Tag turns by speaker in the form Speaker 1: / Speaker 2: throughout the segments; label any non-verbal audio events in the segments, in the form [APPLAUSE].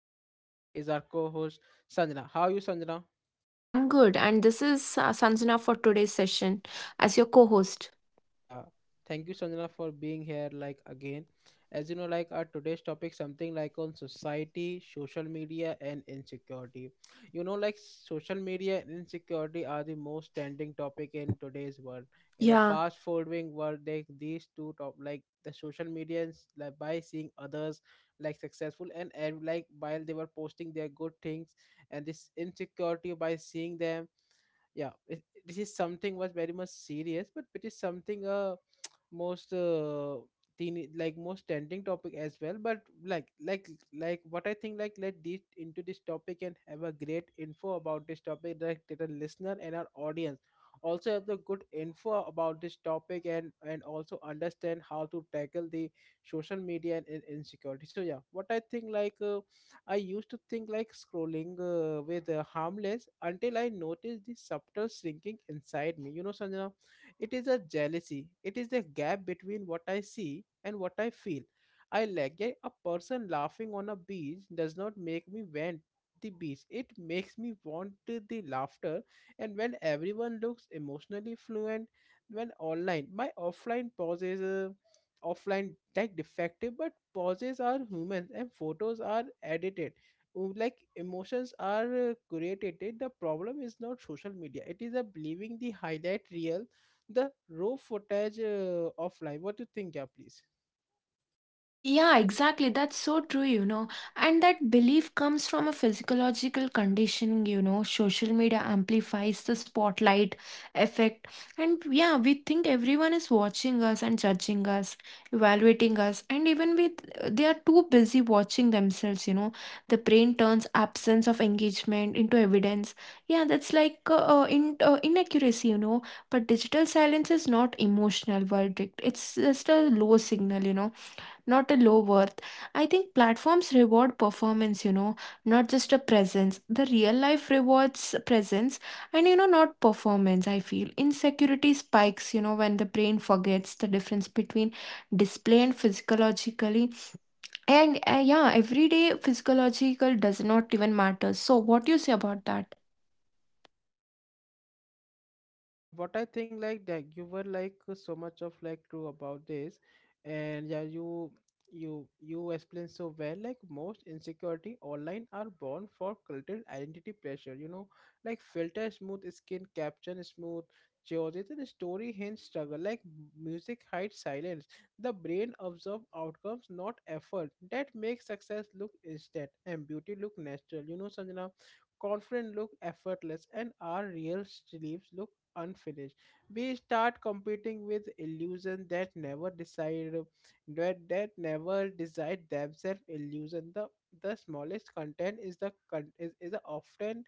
Speaker 1: and with me is our co-host Sanjana. How are you, Sanjana?
Speaker 2: I'm good, and this is Sanjana for today's session as your co host.
Speaker 1: Yeah, thank you, Sanjana, for being here again. As you know, our today's topic, something on society, social media, and insecurity. You know, like social media and insecurity are the most trending topic in today's world. In the
Speaker 2: Yeah.
Speaker 1: fast forwarding world, they these two top, the social media is, like by seeing others like successful and like while they were posting their good things, and this insecurity by seeing them. Yeah, this is something was very much serious, but it is something, most teen like most trending topic as well, but what I think, let's deep into this topic and have a great info about this topic, that the listener and our audience also have the good info about this topic, and also understand how to tackle the social media and insecurity. So yeah, what I think, I used to think like scrolling with harmless until I noticed the subtle shrinking inside me, you know, Sanjana. It is a jealousy. It is a gap between what I see and what I feel. I like Yeah, a person laughing on a beach does not make me want the beach. It makes me want to the laughter. And when everyone looks emotionally fluent, when online, my offline pauses, offline defective, but pauses are human and photos are edited. Oh, emotions are created. The problem is not social media, it is a believing the highlight reel, the raw footage offline. What do you think, yeah, please?
Speaker 2: Yeah, exactly. That's so true. And that belief comes from a physiological condition. Social media amplifies the spotlight effect. And yeah, we think everyone is watching us and judging us, evaluating us. And even with they are too busy watching themselves. The brain turns absence of engagement into evidence. Yeah, that's like inaccuracy. But digital silence is not emotional verdict. It's just a low signal, not a low worth. I think platforms reward performance, not just a presence. The real life rewards presence and not performance, I feel. Insecurity spikes, when the brain forgets the difference between display and physiologically. And yeah, everyday physiological does not even matter. So, what do you say about that?
Speaker 1: Yeah, what I think, that you were so much of true about this, and yeah, you explained so well. Like most insecurity online are born for cultural identity pressure. You know, like filter smooth skin, caption smooth, choices and story hints struggle. Like music hides silence. The brain absorbs outcomes, not effort. That makes success look instant and beauty look natural. You know, Sanjana, confident look effortless, and our real sleeves look unfinished. We start competing with illusion that never decide that, that never decide themselves illusion. The smallest content is is the often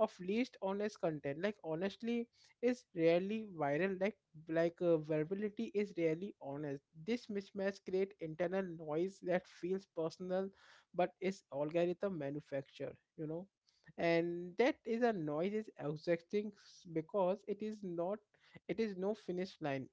Speaker 1: of least honest content. Like honestly is rarely viral. Like verbality is rarely honest. This mismatch create internal noise that feels personal, but is algorithm manufacture. You know, and that is a noise is exhausting because it is not, it is no finish line.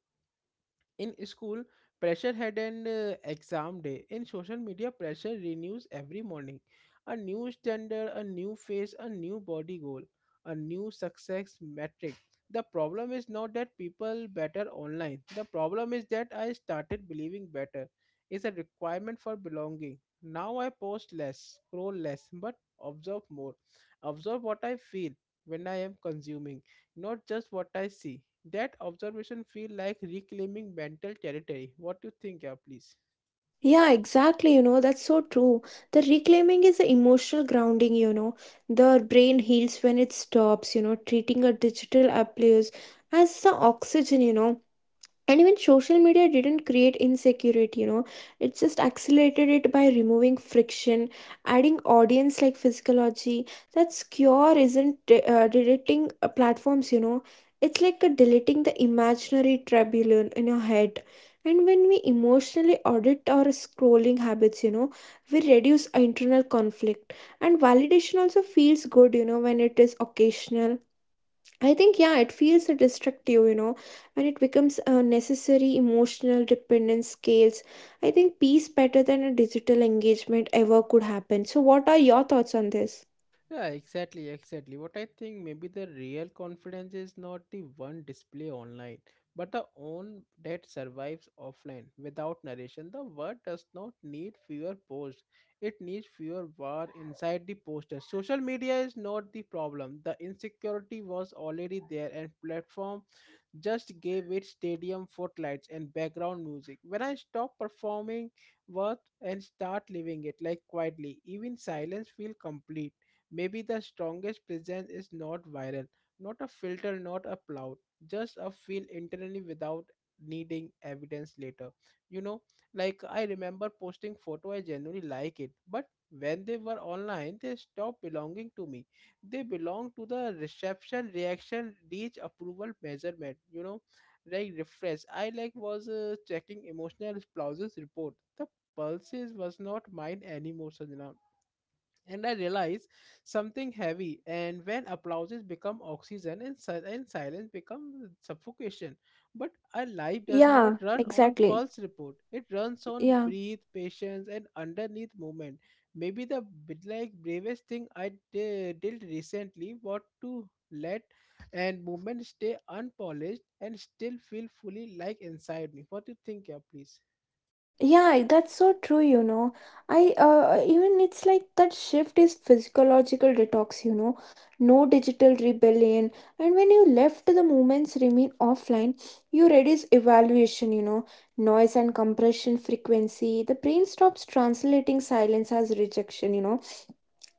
Speaker 1: In school, pressure had an exam day. In social media, pressure renews every morning. A new standard, a new face, a new body goal, a new success metric. The problem is not that people better online. The problem is that I started believing better is a requirement for belonging. Now I post less, scroll less, but observe more. Observe what I feel when I am consuming, not just what I see. That observation feel like reclaiming mental territory. What do you think, yeah, please?
Speaker 2: Yeah, exactly. That's so true. The reclaiming is the emotional grounding. The brain heals when it stops treating a digital abuse as the oxygen. And even social media didn't create insecurity. It just accelerated it by removing friction, adding audience like physiology. That secure isn't deleting platforms. It's like a deleting the imaginary tribulon in your head. And when we emotionally audit our scrolling habits, we reduce internal conflict. And validation also feels good when it is occasional. I think, yeah, it feels destructive, and it becomes a necessary emotional dependence scales. I think peace better than a digital engagement ever could happen. So, what are your thoughts on this?
Speaker 1: Yeah, exactly, exactly. What I think, maybe the real confidence is not the one display online, but the own that survives offline without narration. The word does not need fewer posts. It needs fewer war inside the poster. Social media is not the problem. The insecurity was already there, and platform just gave it stadium footlights and background music. When I stop performing worth and start living it, like quietly, even silence feel complete. Maybe the strongest presence is not viral, not a filter, not a cloud, just a feel internally without needing evidence later. You know, like I remember posting photo, I genuinely like it, but when they were online, they stopped belonging to me. They belong to the reception, reaction, reach, approval, measurement, you know. Like refresh, I like was checking emotional spouses report. The pulses was not mine anymore, Sanjana. And I realize something heavy. And when applauses become oxygen, and silence become suffocation. But our life does
Speaker 2: Yeah,
Speaker 1: not run on
Speaker 2: exactly.
Speaker 1: pulse report. It runs on
Speaker 2: Yeah.
Speaker 1: breathe, patience, and underneath movement. Maybe the bit like bravest thing I did recently was to let and movement stay unpolished and still feel fully inside me. What do you think, yeah, please?
Speaker 2: Yeah, that's so true. I even it's like that shift is physiological detox. No digital rebellion. And when you left the movements remain offline, you reduce evaluation, noise and compression frequency. The brain stops translating silence as rejection.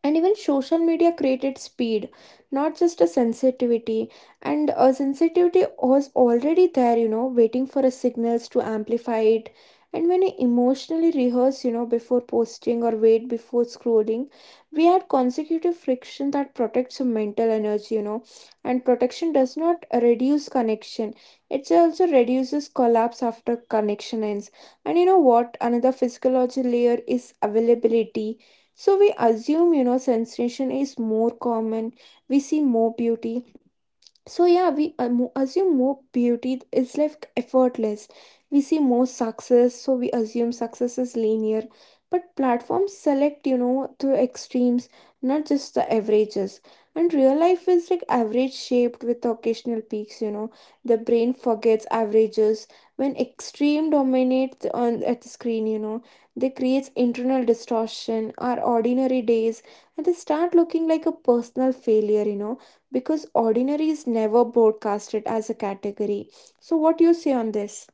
Speaker 2: And even social media created speed, not just a sensitivity. And a sensitivity was already there, waiting for a signals to amplify it. And when I emotionally rehearse before posting or wait before scrolling, we had consecutive friction that protects your mental energy. And protection does not reduce connection. It also reduces collapse after connection ends. And you know what? Another physiology layer is availability. So we assume sensation is more common. We see more beauty, so yeah, we assume more beauty is like effortless. We see more success, so we assume success is linear. But platforms select, to extremes, not just the averages. And real life is like average shaped with occasional peaks. The brain forgets averages when extreme dominates on at the screen. They creates internal distortion, our ordinary days, and they start looking like a personal failure, because ordinary is never broadcasted as a category. So, what do you say on this?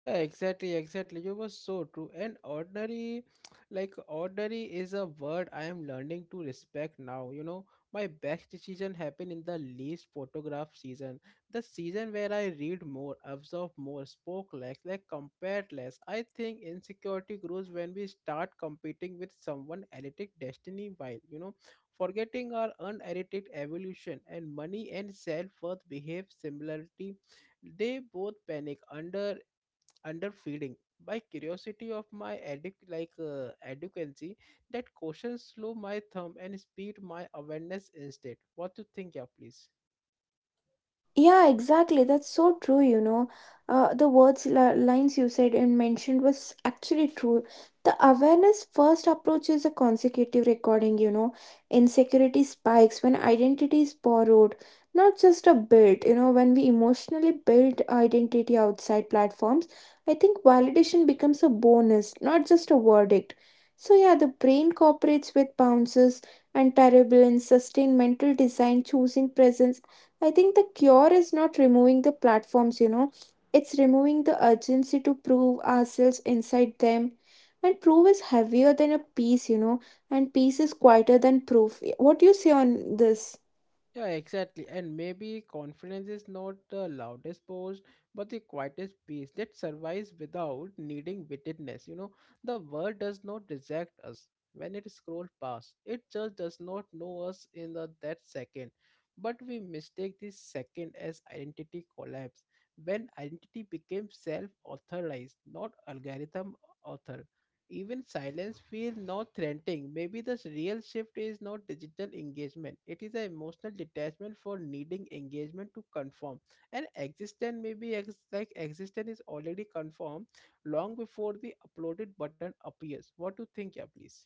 Speaker 1: Yeah, exactly, exactly. You were so true. And ordinary, [TSK] like ordinary is a word I am learning to respect now. You know, my best decision happened in the least photograph season. The season where I read more, absorb more, spoke less, like compared less. I think insecurity grows when we start competing with someone edited destiny while, you know, forgetting our unedited evolution. And money and self-worth behave similarly, they both panic under underfeeding by curiosity of my educancy. That caution slow my thumb and speed my awareness instead. What do you think, yeah, please?
Speaker 2: Yeah, exactly. That's so true. The words, lines you said and mentioned was actually true. The awareness first approach is a consecutive recording. Insecurity spikes when identity is borrowed, not just a built, when we emotionally build identity outside platforms, I think validation becomes a bonus, not just a verdict. So, yeah, the brain cooperates with bounces and terrible and sustained mental design, choosing presence. I think the cure is not removing the platforms, it's removing the urgency to prove ourselves inside them. And proof is heavier than a piece, and piece is quieter than proof. What do you say on this?
Speaker 1: Yeah, exactly. And maybe confidence is not the loudest boast, but the quietest peace that survives without needing witness. You know, the world does not reject us when it scrolls past. It just does not know us in that second. But we mistake this second as identity collapse. When identity became self-authorized, not algorithm authored, even silence feels not threatening. Maybe the real shift is not digital engagement. It is an emotional detachment for needing engagement to conform. And existence maybe existence is already conformed long before the uploaded button appears. What do you think, yeah, please?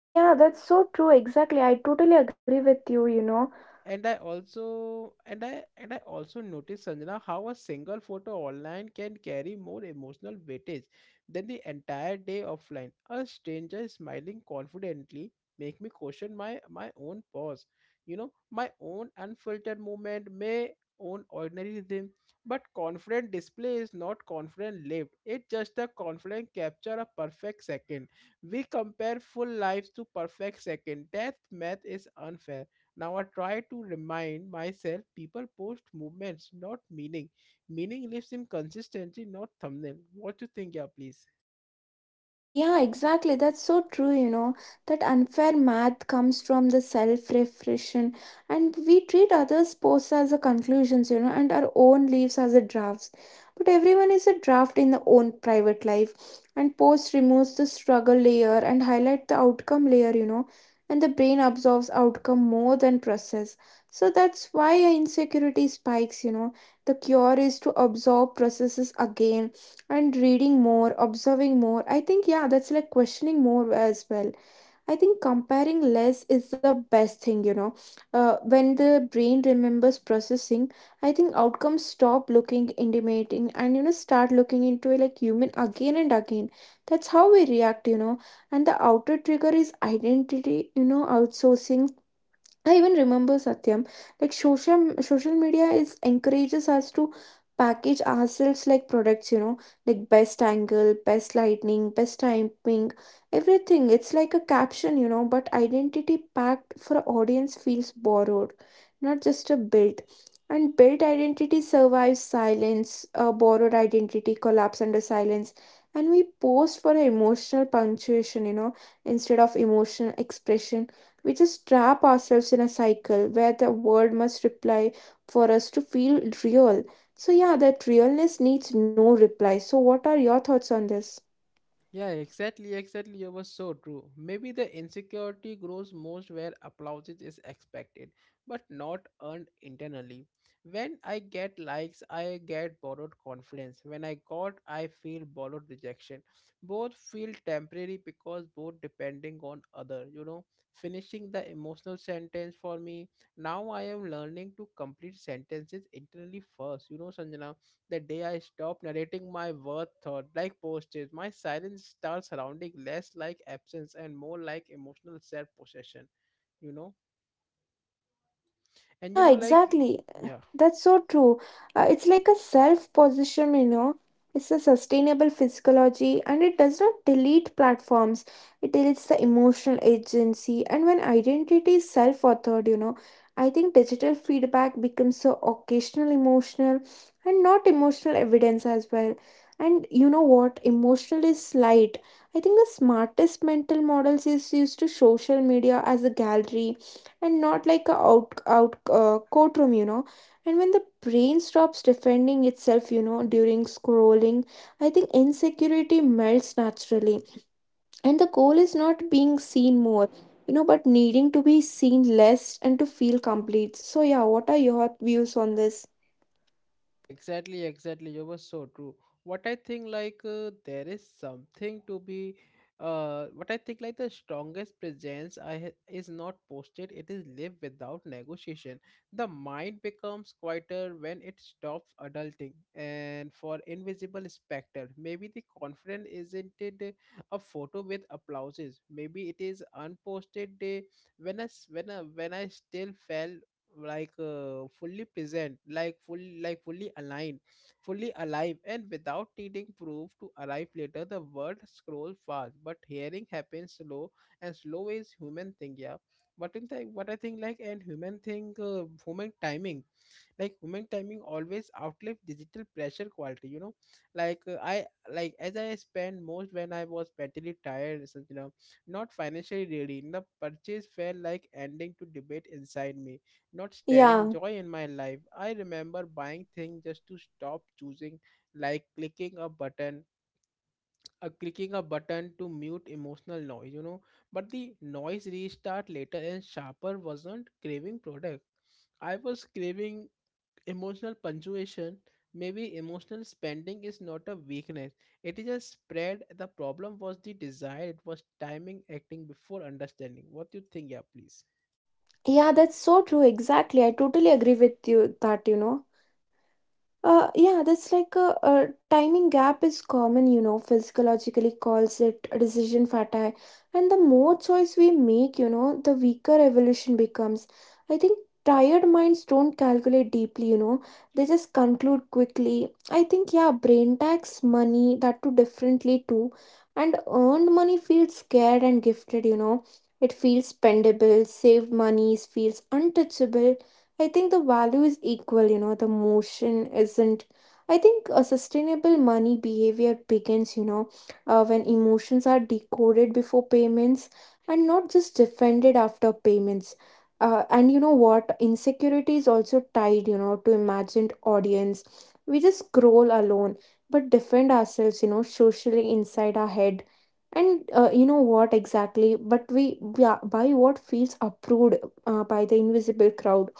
Speaker 2: Yeah, that's so true. Exactly. I totally agree with you, you know.
Speaker 1: Yeah, and I also noticed, Sanjana, how a single photo online can carry more emotional weightage than the entire day offline. A stranger smiling confidently make me question my own pause. You know, my own unfiltered movement, my own ordinary rhythm. But confident display is not confident lived. It's just a confident capture, a perfect second. We compare full lives to perfect second. That math is unfair. Now I try to remind myself, people post movements, not meaning. Meaning lives in consistency, not thumbnail. What you think, yeah, please?
Speaker 2: Yeah, exactly. That's so true. That unfair math comes from the self-reflection and we treat others' posts as the conclusions, and our own leaves as the drafts. But everyone is a draft in their own private life. And post removes the struggle layer and highlight the outcome layer. And the brain absorbs outcome more than process. So that's why our insecurity spikes. The cure is to absorb processes again and reading more, observing more. I think, yeah, that's like questioning more as well. I think comparing less is the best thing. When the brain remembers processing, I think outcomes stop looking intimidating and start looking into it like human again and again. That's how we react. And the outer trigger is identity, outsourcing. I even remember Satyam, like social media is encourages us to package ourselves like products, like best angle, best lighting, best timing, everything. It's like a caption, but identity packed for audience feels borrowed, not just a built. And built identity survives silence. A borrowed identity collapse under silence. And we post for emotional punctuation, instead of emotional expression. We just trap ourselves in a cycle where the world must reply for us to feel real. So, yeah, that realness needs no reply. So, what are your thoughts on this?
Speaker 1: Yeah, exactly, exactly. You were so true. Maybe the insecurity grows most where applause is expected, but not earned internally. When I get likes, I get borrowed confidence. When I got, I feel borrowed rejection. Both feel temporary because both depending on other. You know, finishing the emotional sentence for me. Now I am learning to complete sentences internally first. You know, Sanjana, the day I stop narrating my worth thought like postage, my silence starts surrounding less like absence and more like emotional self possession, you know? And you
Speaker 2: Yeah,
Speaker 1: know, like,
Speaker 2: exactly.
Speaker 1: yeah.
Speaker 2: That's so true. It's like a self position. It's a sustainable physiology and it does not delete platforms. It deletes the emotional agency. And when identity is self authored, I think digital feedback becomes so occasional emotional and not emotional evidence as well. And you know what? Emotional is light. I think the smartest mental models is used to social media as a gallery and not like a out out courtroom. And when the brain stops defending itself, during scrolling, I think insecurity melts naturally. And the goal is not being seen more, but needing to be seen less and to feel complete. So, yeah, what are your views on this?
Speaker 1: Yeah, exactly, exactly. You were so true. What I think, there is something to be, what I think, like, the strongest presence is not posted. It is lived without negotiation. The mind becomes quieter when it stops adulting, and for invisible specter, maybe the confidence isn't it a photo with applauses. Maybe it is unposted day when I s- when I still fell fully present, fully aligned, fully alive, and without needing proof to arrive later. The word scrolls fast, but hearing happens slow, and slow is human thing. Yeah, what I think, like and human thing, human timing, human timing always outlive digital pressure quality, you know. Like I like As I spent most when I was mentally tired, so, you know, not financially ready, the purchase felt like ending to debate inside me, not stirring
Speaker 2: Yeah,
Speaker 1: joy in my life. I remember buying things just to stop choosing, like clicking a button, clicking a button to mute emotional noise, you know. But the noise restart later and sharper. Wasn't craving product, I was craving emotional punctuation. Maybe emotional spending is not a weakness, it is a spread. The problem was the desire, it was timing acting before understanding. What do you think, yeah, please?
Speaker 2: yeah, that's so true. Exactly. I totally agree with you that. Yeah, that's like a timing gap is common, physiologically calls it decision fatigue. And the more choice we make, the weaker evolution becomes. I think tired minds don't calculate deeply, they just conclude quickly. I think, yeah, brain tax money, that too differently too. And earned money feels scared and gifted. It feels spendable, saved money feels untouchable. I think the value is equal, the motion isn't. I think a sustainable money behavior begins, when emotions are decoded before payments and not just defended after payments. And you know what? Insecurity is also tied, to imagined audience. We just scroll alone, but defend ourselves, socially inside our head. And you know what exactly? But we buy what feels approved by the invisible crowd.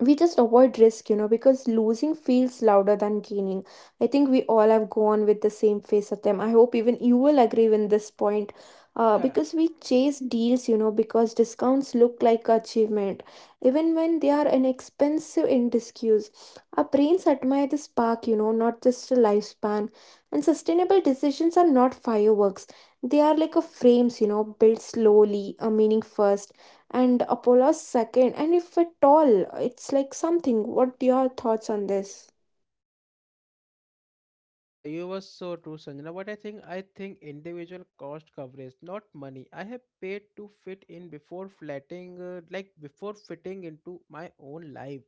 Speaker 2: We just avoid risk, because losing feels louder than gaining. I think we all have gone with the same phase of them. I hope even you will agree with this point. Uh,
Speaker 1: Yeah.
Speaker 2: because we chase deals, because discounts look like achievement, even when they are inexpensive in disuse. Our brains admire the spark, not just the lifespan. And sustainable decisions are not fireworks; they are like a frames, built slowly, a meaning first and Apollo's second, and if at all, it's like something. What your thoughts on this?
Speaker 1: Yeah, you were so true, Sanjana. But I think individual cost coverage, not money. I have paid to fit in before flatting, like before fitting into my own life.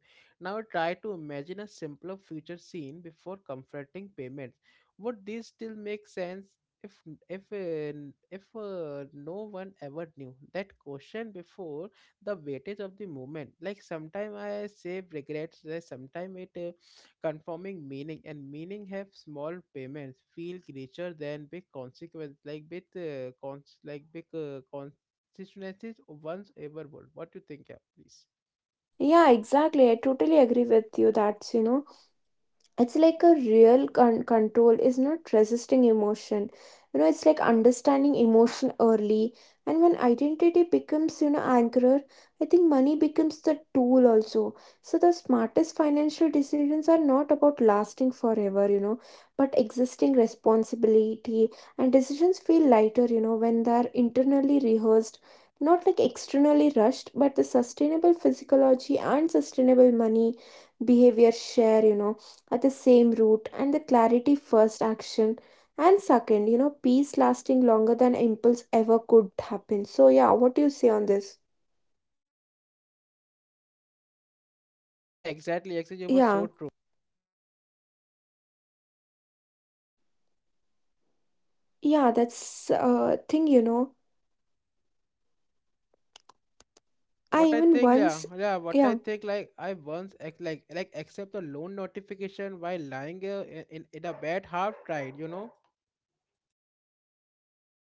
Speaker 1: Now try to imagine a simpler future scene before confronting payments. Would this still make sense if if uh, no one ever knew that question before the weightage of the moment? Like sometime I save regrets, sometimes it confirming meaning and meaning have small payments feel richer than big consequence like big constituencies once ever would. What you think? Yeah, please.
Speaker 2: Yeah, exactly. I totally agree with you. That's. It's like a real control is not resisting emotion. It's like understanding emotion early. And when identity becomes anchor, I think money becomes the tool also. So the smartest financial decisions are not about lasting forever, but existing responsibility. And decisions feel lighter when they're internally rehearsed, not like externally rushed, but the sustainable physiology and sustainable money behavior share at the same root. And the clarity first action and second, peace lasting longer than impulse ever could happen. So yeah, what do you say on this?
Speaker 1: Yeah, exactly, actually, it was
Speaker 2: Yeah,
Speaker 1: so true.
Speaker 2: yeah, that's thing.
Speaker 1: Yeah,
Speaker 2: I even once.
Speaker 1: what I
Speaker 2: Yeah,
Speaker 1: think, like I once accept a loan notification while lying in a bed, half tried, you know.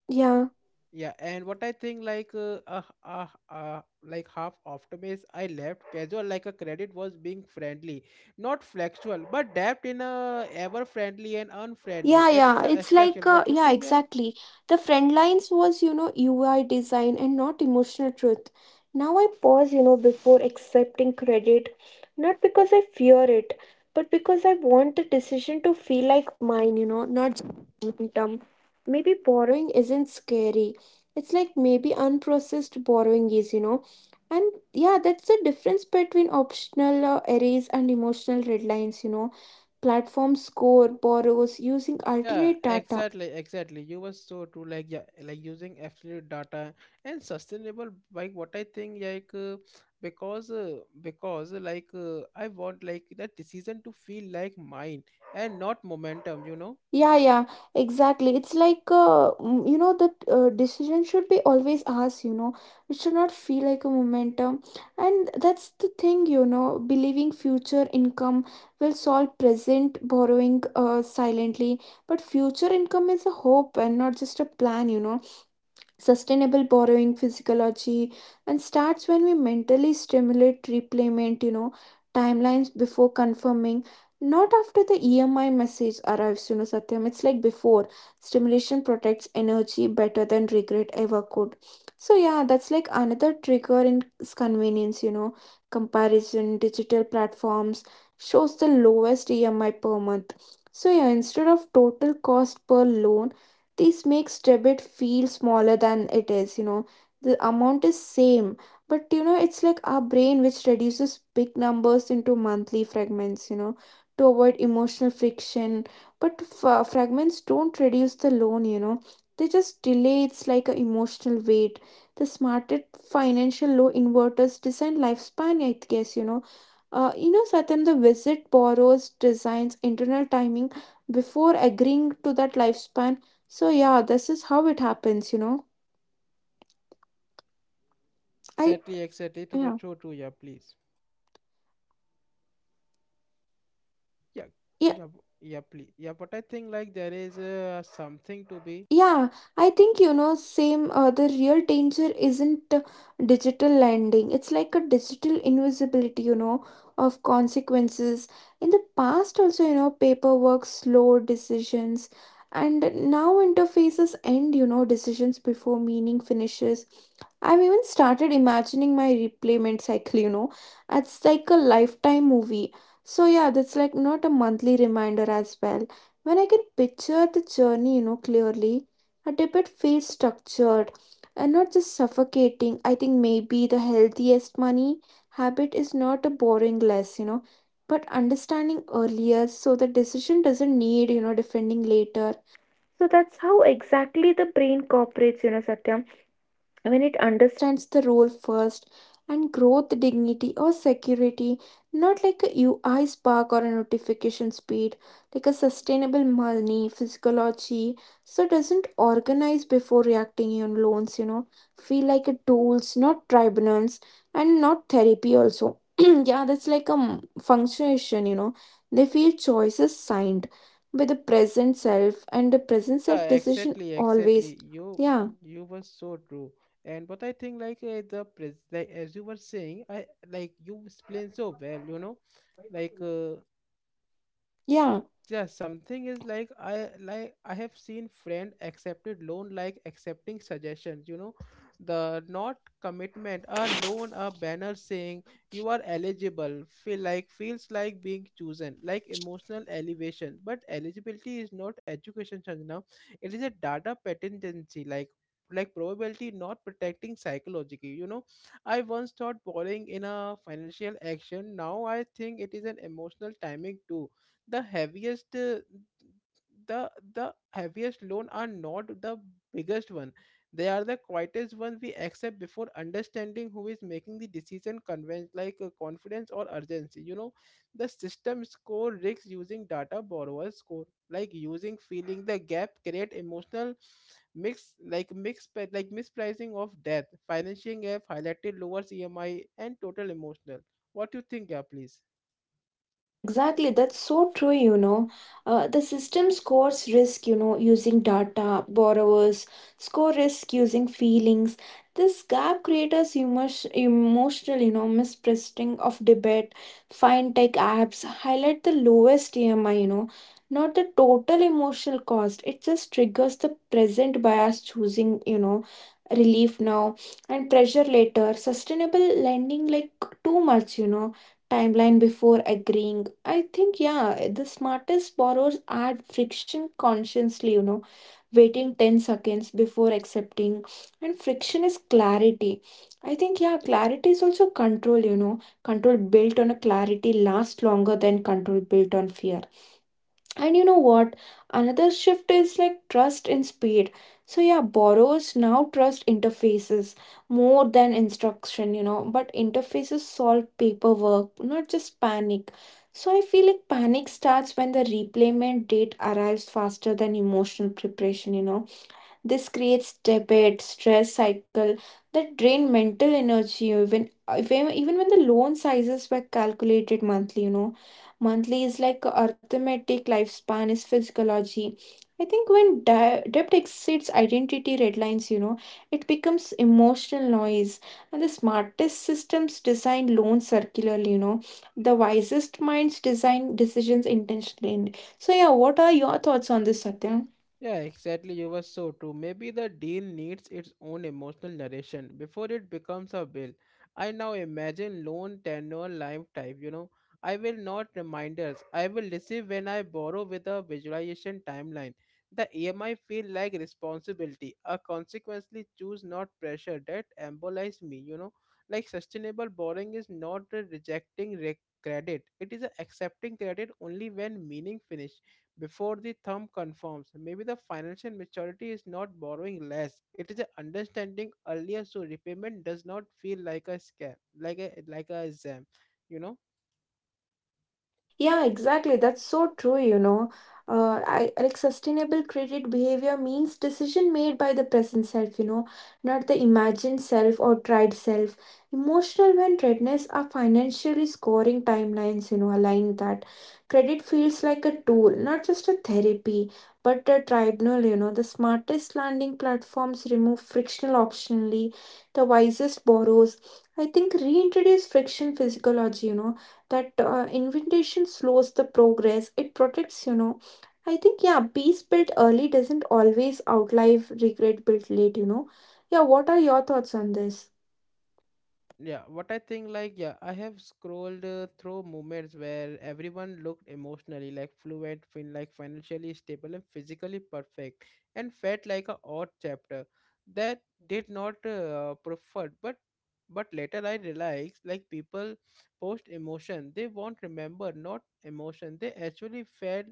Speaker 2: yeah.
Speaker 1: Yeah, and what I think, like half after base I left casual, like a credit was being friendly, not flexible, but depth in a ever friendly and unfriendly.
Speaker 2: Yeah,
Speaker 1: It is
Speaker 2: yeah.
Speaker 1: a
Speaker 2: It's like,
Speaker 1: extraction. What you
Speaker 2: yeah,
Speaker 1: think? Yeah,
Speaker 2: exactly. The friend lines was, UI design and not emotional truth. Now I pause, before accepting credit, not because I fear it, but because I want the decision to feel like mine, not just momentum. Maybe borrowing isn't scary. It's like maybe unprocessed borrowing is. And yeah, that's the difference between optional arrays and emotional red lines, you know, platform score borrows using
Speaker 1: yeah,
Speaker 2: alternate data.
Speaker 1: exactly, exactly. You were so true. Like yeah, like using absolute data and sustainable. Like what I think, like because I want like that decision to feel like mine and not momentum, you know.
Speaker 2: Yeah, exactly. It's like you know, the decision should be always asked, you know. It should not feel like a momentum. And that's the thing, you know, believing future income will solve present borrowing silently. But future income is a hope and not just a plan, you know. Sustainable borrowing physiology and starts when we mentally stimulate repayment, you know, timelines before confirming, not after the EMI message arrives, you know, Satyam. It's like before stimulation protects energy better than regret ever could. So yeah, that's like another trigger in convenience, you know, comparison. Digital platforms shows the lowest EMI per month, so yeah, instead of total cost per loan. This makes debit feel smaller than it is, you know. The amount is same, but you know, it's like our brain which reduces big numbers into monthly fragments, you know, to avoid emotional friction. But fragments don't reduce the loan, you know. They just delay, it's like an emotional weight. The smarter financial low inverters design lifespan, I guess, you know. You know, Satyam, the visit borrows designs internal timing before agreeing to that lifespan. So yeah, this is how it happens, you know.
Speaker 1: Yeah,
Speaker 2: I,
Speaker 1: exactly, exactly. It was
Speaker 2: yeah.
Speaker 1: so true. Yeah, please. Yeah, yeah, yeah, please. Yeah, but I think like there is something to be.
Speaker 2: Yeah, I think you know, same, the real danger isn't digital lending. It's like a digital invisibility, you know, of consequences. In the past, also, you know, paperwork, slow decisions, and now interfaces end, you know, decisions before meaning finishes. I've even started imagining my repayment cycle, you know, it's like a lifetime movie. So, yeah, that's like not a monthly reminder as well. When I can picture the journey, you know, clearly, a debate feels structured and not just suffocating. I think maybe the healthiest money habit is not a borrowing less, you know, but understanding earlier so the decision doesn't need, you know, defending later. So that's how exactly the brain cooperates, you know, Satyam, when it understands the role first and growth dignity or security, not like a UI spark or a notification speed, like a sustainable money physiology. So doesn't organize before reacting on loans, you know, feel like a tools, not tribunals, and not therapy also. [CLEARS THROAT] Yeah, that's like a functionation, you know. They feel choices signed by the present self and the present self
Speaker 1: Yeah,
Speaker 2: decision
Speaker 1: exactly,
Speaker 2: always.
Speaker 1: exactly. You,
Speaker 2: yeah
Speaker 1: you were so true. And but I think, like the pres like as you were saying, I like you explained so well, you know. Like
Speaker 2: yeah
Speaker 1: yeah, something is like I have seen friend accepted loan like accepting suggestions, you know, the not commitment, a loan, a banner saying you are eligible feel like feels like being chosen like emotional elevation. But eligibility is not education now. It is a data patency, like probability, not protecting psychologically, you know. I once thought borrowing in a financial action. Now I think it is an emotional timing too. The heaviest uh, the the heaviest loan are not the biggest one. They are the quietest one we accept before understanding who is making the decision convince like confidence or urgency, you know. The system score risks using data borrowers score like using feeling, the gap create emotional mix like mix pe- like mispricing of debt financing have highlighted lowers EMI and total emotional. What do you think? Yeah, please.
Speaker 2: Yeah, exactly. That's so true, you know. The system scores risk, you know, using data, borrowers, score risk using feelings. This gap creates emo- emotional, you know, mispricing of debate. Fintech apps highlight the lowest EMI, you know, not the total emotional cost. It just triggers the present bias choosing, you know, relief now and pressure later. Sustainable lending, like too much, you know timeline before agreeing. I think, yeah, the smartest borrowers add friction consciously, you know, waiting 10 seconds before accepting. And friction is clarity. I think, yeah, clarity is also control, you know, control built on a clarity lasts longer than control built on fear. And you know what? Another shift is like trust in speed. So, yeah, borrowers now trust interfaces more than instruction, you know, but interfaces solve paperwork, not just panic. So, I feel like panic starts when the repayment date arrives faster than emotional preparation, you know. This creates debit, stress cycle that drain mental energy even even even when the loan sizes were calculated monthly, you know. Monthly is like arithmetic, lifespan is physiology. I think when de- debt exceeds identity red lines, you know, it becomes emotional noise. And the smartest systems design loans circularly, you know. The wisest minds design decisions intentionally. So yeah, what are your thoughts on this, Satya?
Speaker 1: Yeah, exactly. You were so true. Maybe the deal needs its own emotional narration before it becomes a will. I now imagine loan tenure lifetime, you know. I will not reminders, I will receive when I borrow with a visualization timeline. The EMI feel like responsibility. I consequently choose not pressure that embolize me, you know. Like sustainable borrowing is not a rejecting credit. It is a accepting credit only when meaning finishes before the thumb confirms. Maybe the financial maturity is not borrowing less. It is a understanding earlier so repayment does not feel like a scam, like a exam, you know.
Speaker 2: Yeah exactly. That's so true, you know. I like sustainable credit behavior means decision made by the present self, you know, not the imagined self or tried self. Emotional and readiness are financially scoring timelines, you know, align that. Credit feels like a tool, not just a therapy, but a tribunal, you know. The smartest landing platforms remove frictional optionally, the wisest borrows. I think reintroduce friction physiology, you know, that invitation slows the progress it protects, you know. I think, yeah, peace built early doesn't always outlive regret built late, you know. Yeah, what are your thoughts on this?
Speaker 1: But yeah, what I think, like yeah, I have scrolled through moments where everyone looked emotionally like fluent, financially stable and physically perfect, and felt like a odd chapter that did not preferred. But later I realized like people post emotion, they won't remember not emotion. They actually felt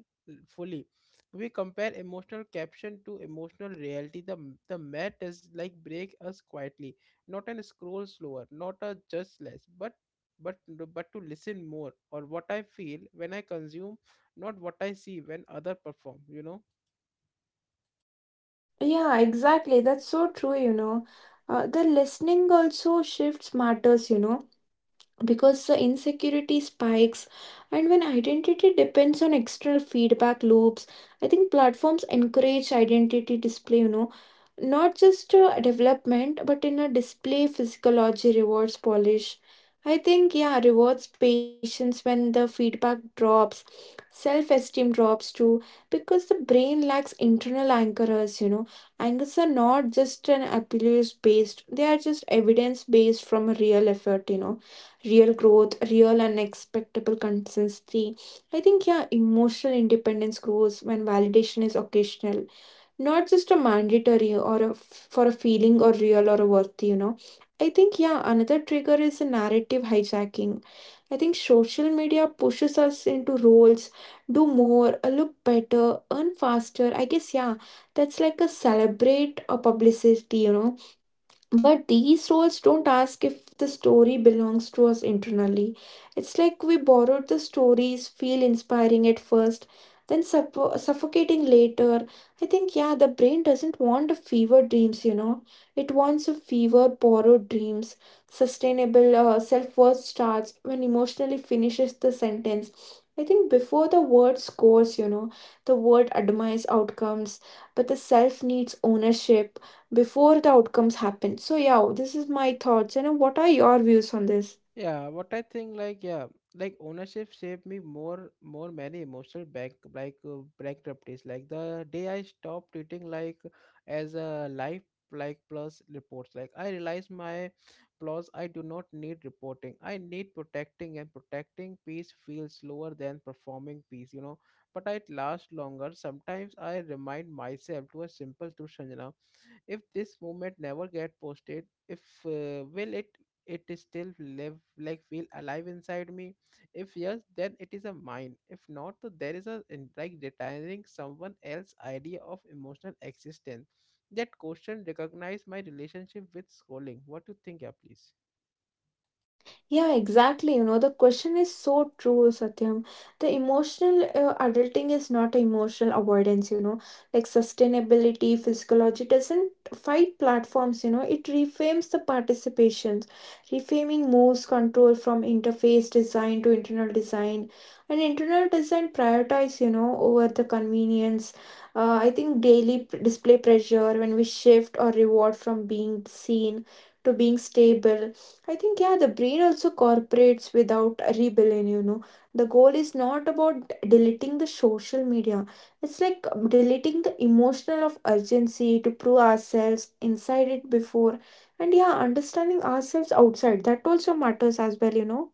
Speaker 1: fully. We compare emotional caption to emotional reality. The mat is like break us quietly, not an scroll slower, not a just less, but but to listen more or what I feel when I consume, not what I see when other perform, you know.
Speaker 2: Yeah, exactly. That's so true, you know. The listening also shifts matters, you know, because the insecurity spikes and when identity depends on external feedback loops. I think platforms encourage identity display, you know, not just development, but in a display physiology rewards polish. I think, yeah, rewards patience. When the feedback drops, self esteem drops too, because the brain lacks internal anchors, you know. Anchors are not just an appeals based, they are just evidence based from a real effort, you know. Real growth, real and expectable consistency. I think, yeah, emotional independence grows when validation is occasional, not just a mandatory or a, for a feeling or real or a worthy, you know. I think, yeah, another trigger is a narrative hijacking. I think social media pushes us into roles, do more, look better, earn faster, I guess. Yeah, that's like a celebrate a publicity, you know. But these roles don't ask if the story belongs to us internally. It's like we borrowed the stories, feel inspiring at first, then suffocating later. I think, yeah, the brain doesn't want a fever dreams, you know. It wants a fever borrowed dreams. Sustainable self worth starts when emotionally finishes the sentence. I think before the word scores, you know, the word admires outcomes, but the self needs ownership before the outcomes happen. So yeah, this is my thoughts, and what are your views on this?
Speaker 1: Yeah, what I think, like yeah, like ownership shaped me more more many emotional bank like bankruptcies. Like the day I stopped treating like as a life like plus reports. Like I realized my plus I do not need reporting, I need protecting. And protecting peace feels slower than performing peace, you know. But it lasts longer. Sometimes I remind myself to a simple truth, Sanjana, if this moment never get posted, if will it, it is still live like feel alive inside me. If yes, then it is a mine. If not, so there is a retiring someone else idea of emotional existence. That question recognize my relationship with scrolling. What do you think? Yeah, please.
Speaker 2: Yeah, exactly. You know, the question is so true, Satyam. The emotional adulting is not emotional avoidance, you know, like sustainability, physiology doesn't fight platforms, you know, it reframes the participations. Reframing moves control from interface design to internal design. And internal design prioritize, you know, over the convenience. I think daily display pressure when we shift or reward from being seen to being stable. I think, yeah, the brain also cooperates without a rebellion, you know. The goal is not about deleting the social media. It's like deleting the emotional of urgency to prove ourselves inside it before. And yeah, understanding ourselves outside, that also matters as well, you know.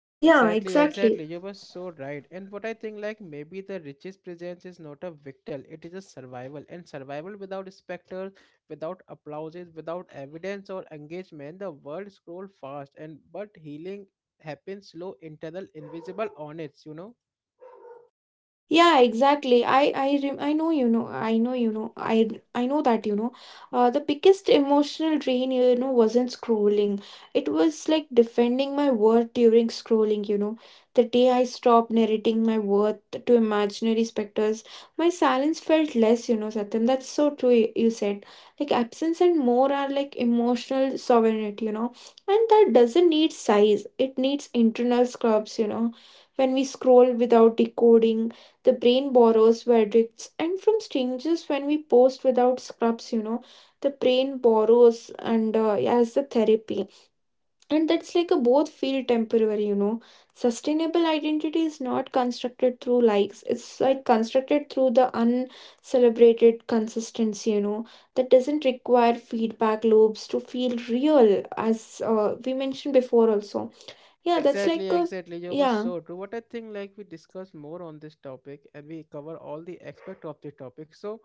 Speaker 1: Yeah,
Speaker 2: Yeah,
Speaker 1: exactly,
Speaker 2: exactly.
Speaker 1: exactly. You were so right. And what I think, like, maybe the richest presence is not a victal, it is a survival. And survival without specters, without applauses, without evidence or engagement, the world scroll fast. And but healing happens slow, internal, invisible, honest, you know?
Speaker 2: Yeah, exactly. I know, you know. I know you know. I know that you know. The biggest emotional drain, you know, wasn't scrolling. It was like defending my worth during scrolling. You know, the day I stopped narrating my worth to imaginary specters, my silence felt less. You know, Satyam, that's so true. You said like absence and more are like emotional sovereignty. You know, and that doesn't need size. It needs internal scrubs. You know, when we scroll without decoding, the brain borrows verdicts and from strangers. When we post without scrubs, you know, the brain borrows, and as the therapy. And that's like a both feel temporary, you know. Sustainable identity is not constructed through likes, it's like constructed through the uncelebrated consistency, you know, that doesn't require feedback loops to feel real, as we mentioned before, also.
Speaker 1: Yeah,
Speaker 2: Yeah, that's like
Speaker 1: exactly,
Speaker 2: a
Speaker 1: exactly. You were
Speaker 2: yeah,
Speaker 1: so true. What I think, like we discuss more on this topic and we cover all the aspect of the topic. So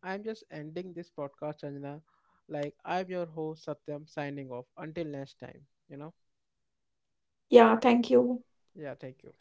Speaker 1: I'm just ending this podcast, Anjana. Like I'm your host, Satyam, signing off. Until next time, you know?
Speaker 2: yeah, thank you.
Speaker 1: Yeah, thank you.